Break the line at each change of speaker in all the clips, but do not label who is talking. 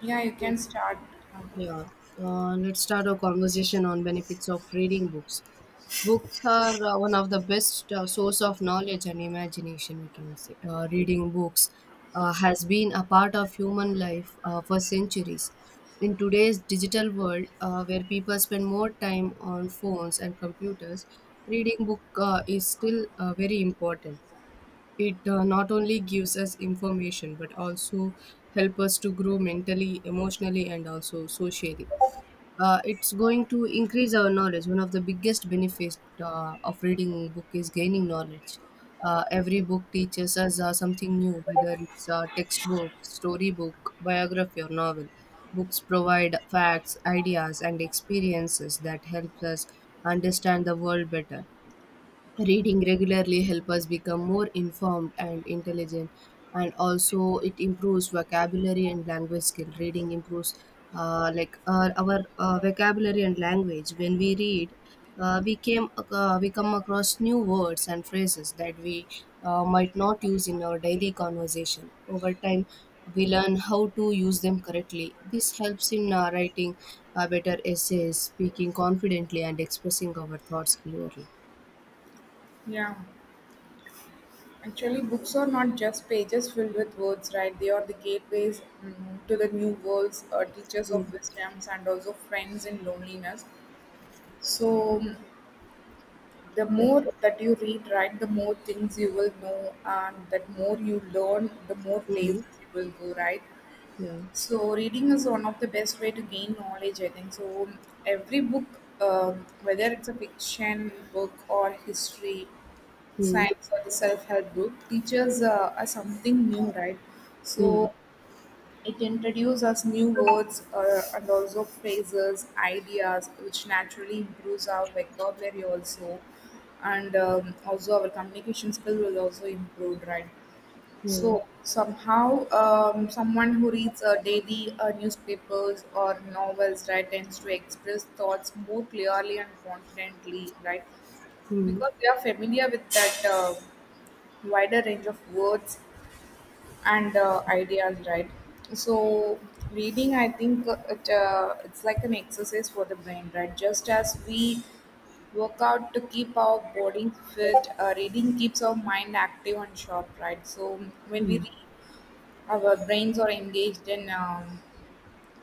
Yeah, you can start. Um,
Yeah, let's start our conversation on benefits of reading books. Books are one of the best source of knowledge and imagination. We can say reading books has been a part of human life for centuries. In today's digital world, where people spend more time on phones and computers, reading book is still very important. It not only gives us information but also help us to grow mentally, emotionally, and also socially. It's going to increase our knowledge. One of the biggest benefits of reading book is gaining knowledge. Every book teaches us something new, whether it's a textbook, storybook, biography, or novel. Books provide facts, ideas, and experiences that helps us understand the world better. Reading regularly helps us become more informed and intelligent, and also it improves vocabulary and language skill. Reading improves like our vocabulary and language. When we read, we come across new words and phrases that we might not use in our daily conversation. Over time, we learn how to use them correctly. This helps in writing better essays, speaking confidently, and expressing our thoughts clearly.
Yeah, Actually, books are not just pages filled with words, right? They are the gateways to the new worlds, teachers of wisdoms, and also friends in loneliness. So, mm, the
Yeah.
more that you read, right, the more things you will know, and that more you learn, the more places
Mhm.
you will go, right?
Yeah.
So, reading is one of the best way to gain knowledge, I think. Every book, whether it's a fiction book or history
Mm,
science or the self-help book teaches us something new, right? So
mm,
it introduces us new words and also phrases ideas which naturally improves our vocabulary also, and also our communication skill will also improve, right?
Yeah.
So somehow someone who reads daily newspapers or novels, right, tends to express thoughts more clearly and confidently, right?
mm,
Because they are familiar with that wider range of words and ideas, right. So reading, I think, it's like an exercise for the brain, right? Just as we work out to keep our body fit, reading keeps our mind active and sharp, right? So when we
mm,
read, our brains are engaged in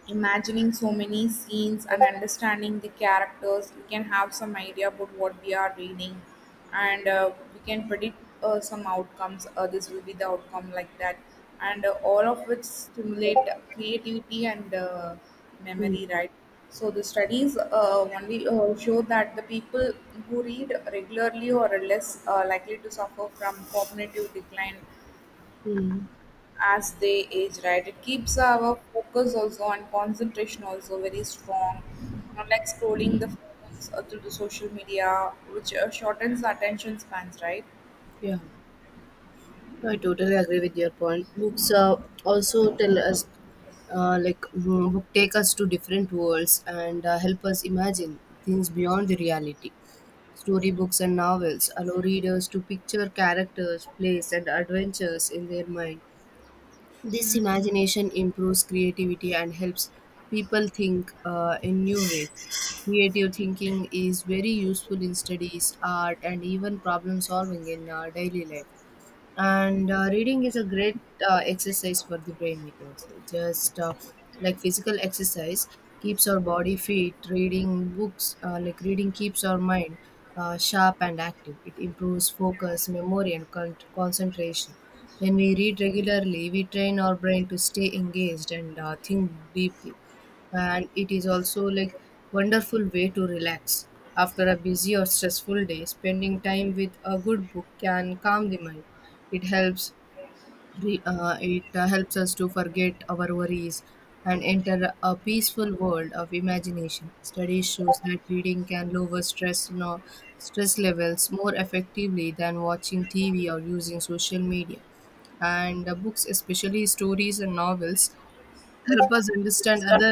imagining so many scenes and understanding the characters. We can have some idea about what we are reading, and we can predict some outcomes. This will be the outcome like that, and all of which stimulate creativity and
mm,
memory, right? So the studies, only show that the people who read regularly or are less likely to suffer from cognitive decline
mm.
as they age, right? It keeps our focus also and concentration also very strong. Not like scrolling the phones or through the social media, which shortens the attention spans, right?
Yeah, I totally agree with your point. Books also tell us, book take us to different worlds and help us imagine things beyond the reality. Storybooks and novels allow readers to picture characters, place, and adventures in their mind. This imagination improves creativity and helps people think in new ways. Creative thinking is very useful in studies, art, and even problem solving in our daily life. And reading is a great exercise for the brain, we can say. Just like physical exercise keeps our body fit, reading books, like reading, keeps our mind sharp and active. It improves focus, memory, and concentration. When we read regularly, we train our brain to stay engaged and think deeply. And it is also like wonderful way to relax. After a busy or stressful day, spending time with a good book can calm the mind. It helps, re, it helps us to forget our worries and enter a peaceful world of imagination. Studies shows that reading can lower stress no, stress levels more effectively than watching tv or using social media. And books, especially stories and novels, help us understand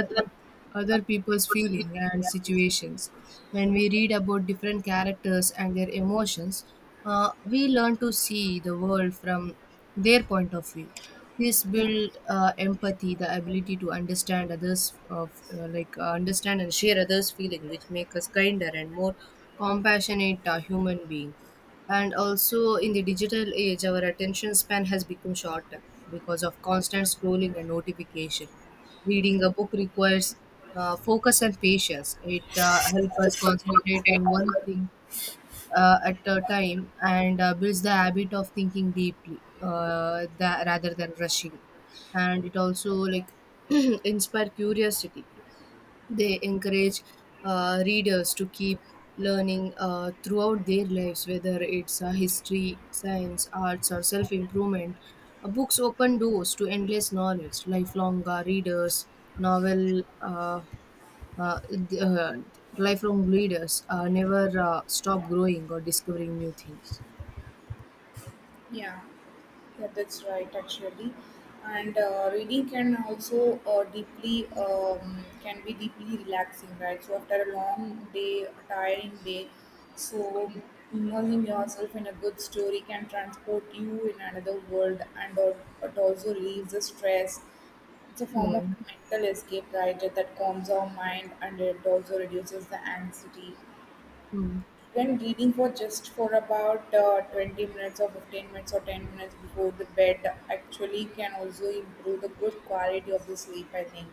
other people's feeling and situations. When we read about different characters and their emotions, we learn to see the world from their point of view. This
Yeah.
build empathy, the ability to understand others, of like understand and share others' feeling, which make us kinder and more compassionate human being. And also in the digital age, our attention span has become shorter because of constant scrolling and notification. Reading a book requires focus and patience. It helps us concentrate on one thing at a time, and builds the habit of thinking deeply, tha rather than rushing. And it also like inspire curiosity. They encourage readers to keep learning throughout their lives, whether it's history, science, arts, or self improvement. Books open doors to endless knowledge. Novel, uh, uh, th- uh, lifelong readers never stop growing or discovering new things.
Yeah, yeah, that's right actually. And reading can also deeply can be deeply relaxing, right? So after a long day, a tiring day, so immersing yourself in a good story can transport you in another world, and it also relieves the stress. It's a form of
Hmm.
mental escape, right? That calms our mind and it also reduces the anxiety.
Hmm.
Then reading for just for about 20 minutes or 15 minutes or 10 minutes before the bed actually can also improve the good quality of the sleep, I think.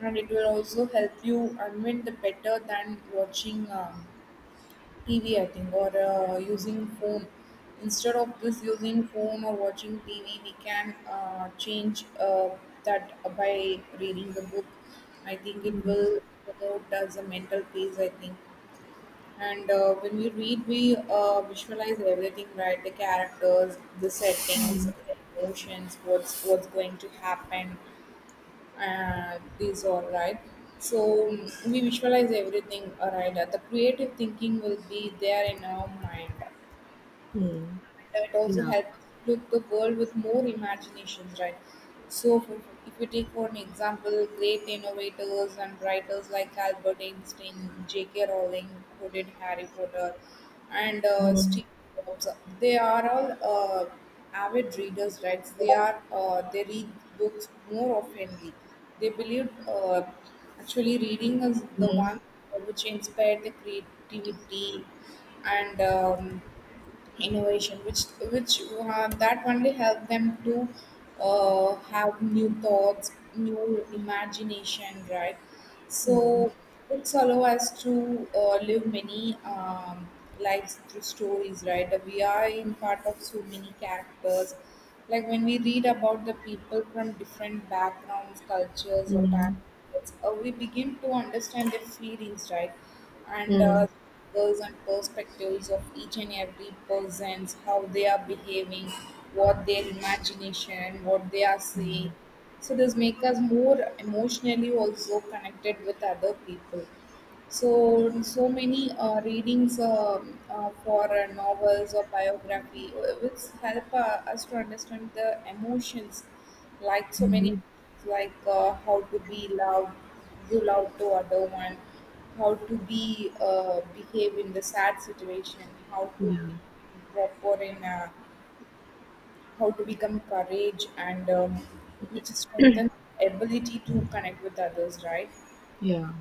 And it will also help you unwind the better than watching TV, I think, or using phone. Instead of this using phone or watching TV, we can change that by reading the book. I think it
Hmm.
will promote as a mental peace. I think. And when we read, we visualize everything, right? The characters, the settings,
Mm.
the emotions, what's going to happen, these all, right? So, we visualize everything, all right. The creative thinking will be there in our mind.
Hmm.
That also
Yeah.
helps look the world with more imaginations, right? So, if we take for an example, great innovators and writers like Albert Einstein, J.K. Rowling, who did Harry Potter, and
Hmm.
Steve Jobs, they are all avid readers, right? So, they are they read books more oftenly. They believe actually reading is the
Hmm.
one which inspired the creativity and innovation which that only help them to have new thoughts, new imagination, right?
Hmm.
So books allow us to live many lives through stories, right? We are in part of so many characters. Like when we read about the people from different backgrounds, cultures, or
Hmm.
talents, we begin to understand their feelings, right?
Hmm.
And
Mm.
goals and perspectives of each and every person's, how they are behaving, what their imagination, what they are seeing. So this make us more emotionally also connected with other people. So, so many readings, for novels or biography, which help us to understand the emotions, like so many,
Mhm.
like how to be loved, give love to other one, how to be behave in the sad situation, how to be
Yeah.
proper in, how to become courage, and which strengthens ability to connect with others, right?
Yeah,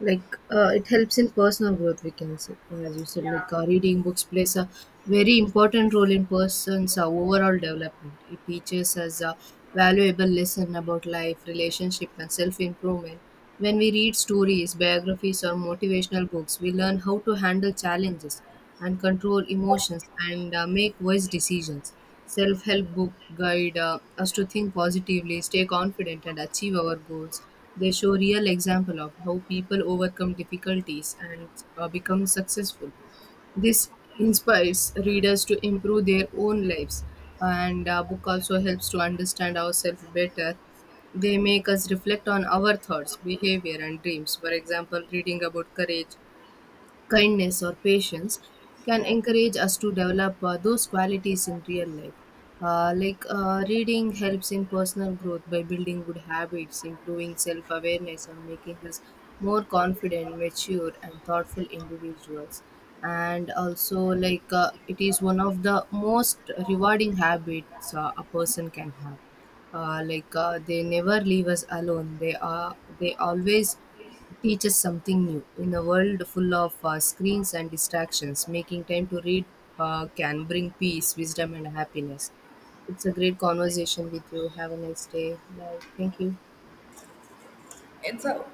like it helps in personal growth, we can say. As you said,
Yeah,
like reading books plays a very important role in person's overall development. It teaches us a valuable lesson about life, relationship, and self-improvement. When we read stories, biographies, or motivational books, we learn how to handle challenges, and control emotions, and make wise decisions. Self help book guide us to think positively, stay confident, and achieve our goals. They show real example of how people overcome difficulties and become successful. This inspires readers to improve their own lives, and book also helps to understand ourselves better. They make us reflect on our thoughts, behavior, and dreams. For example, reading about courage, kindness, or patience can
yeah.
encourage us to develop those qualities in real life. Reading helps in personal growth by building good habits, improving self-awareness, and making us more confident, mature, and thoughtful individuals. And also like it is one of the most rewarding habits a person can have. They never leave us alone. They always teach us something new. In a world full of screens and distractions, making time to read can bring peace, wisdom, and happiness. It's a great conversation with you. Have a nice day. Bye. Thank you.
It's a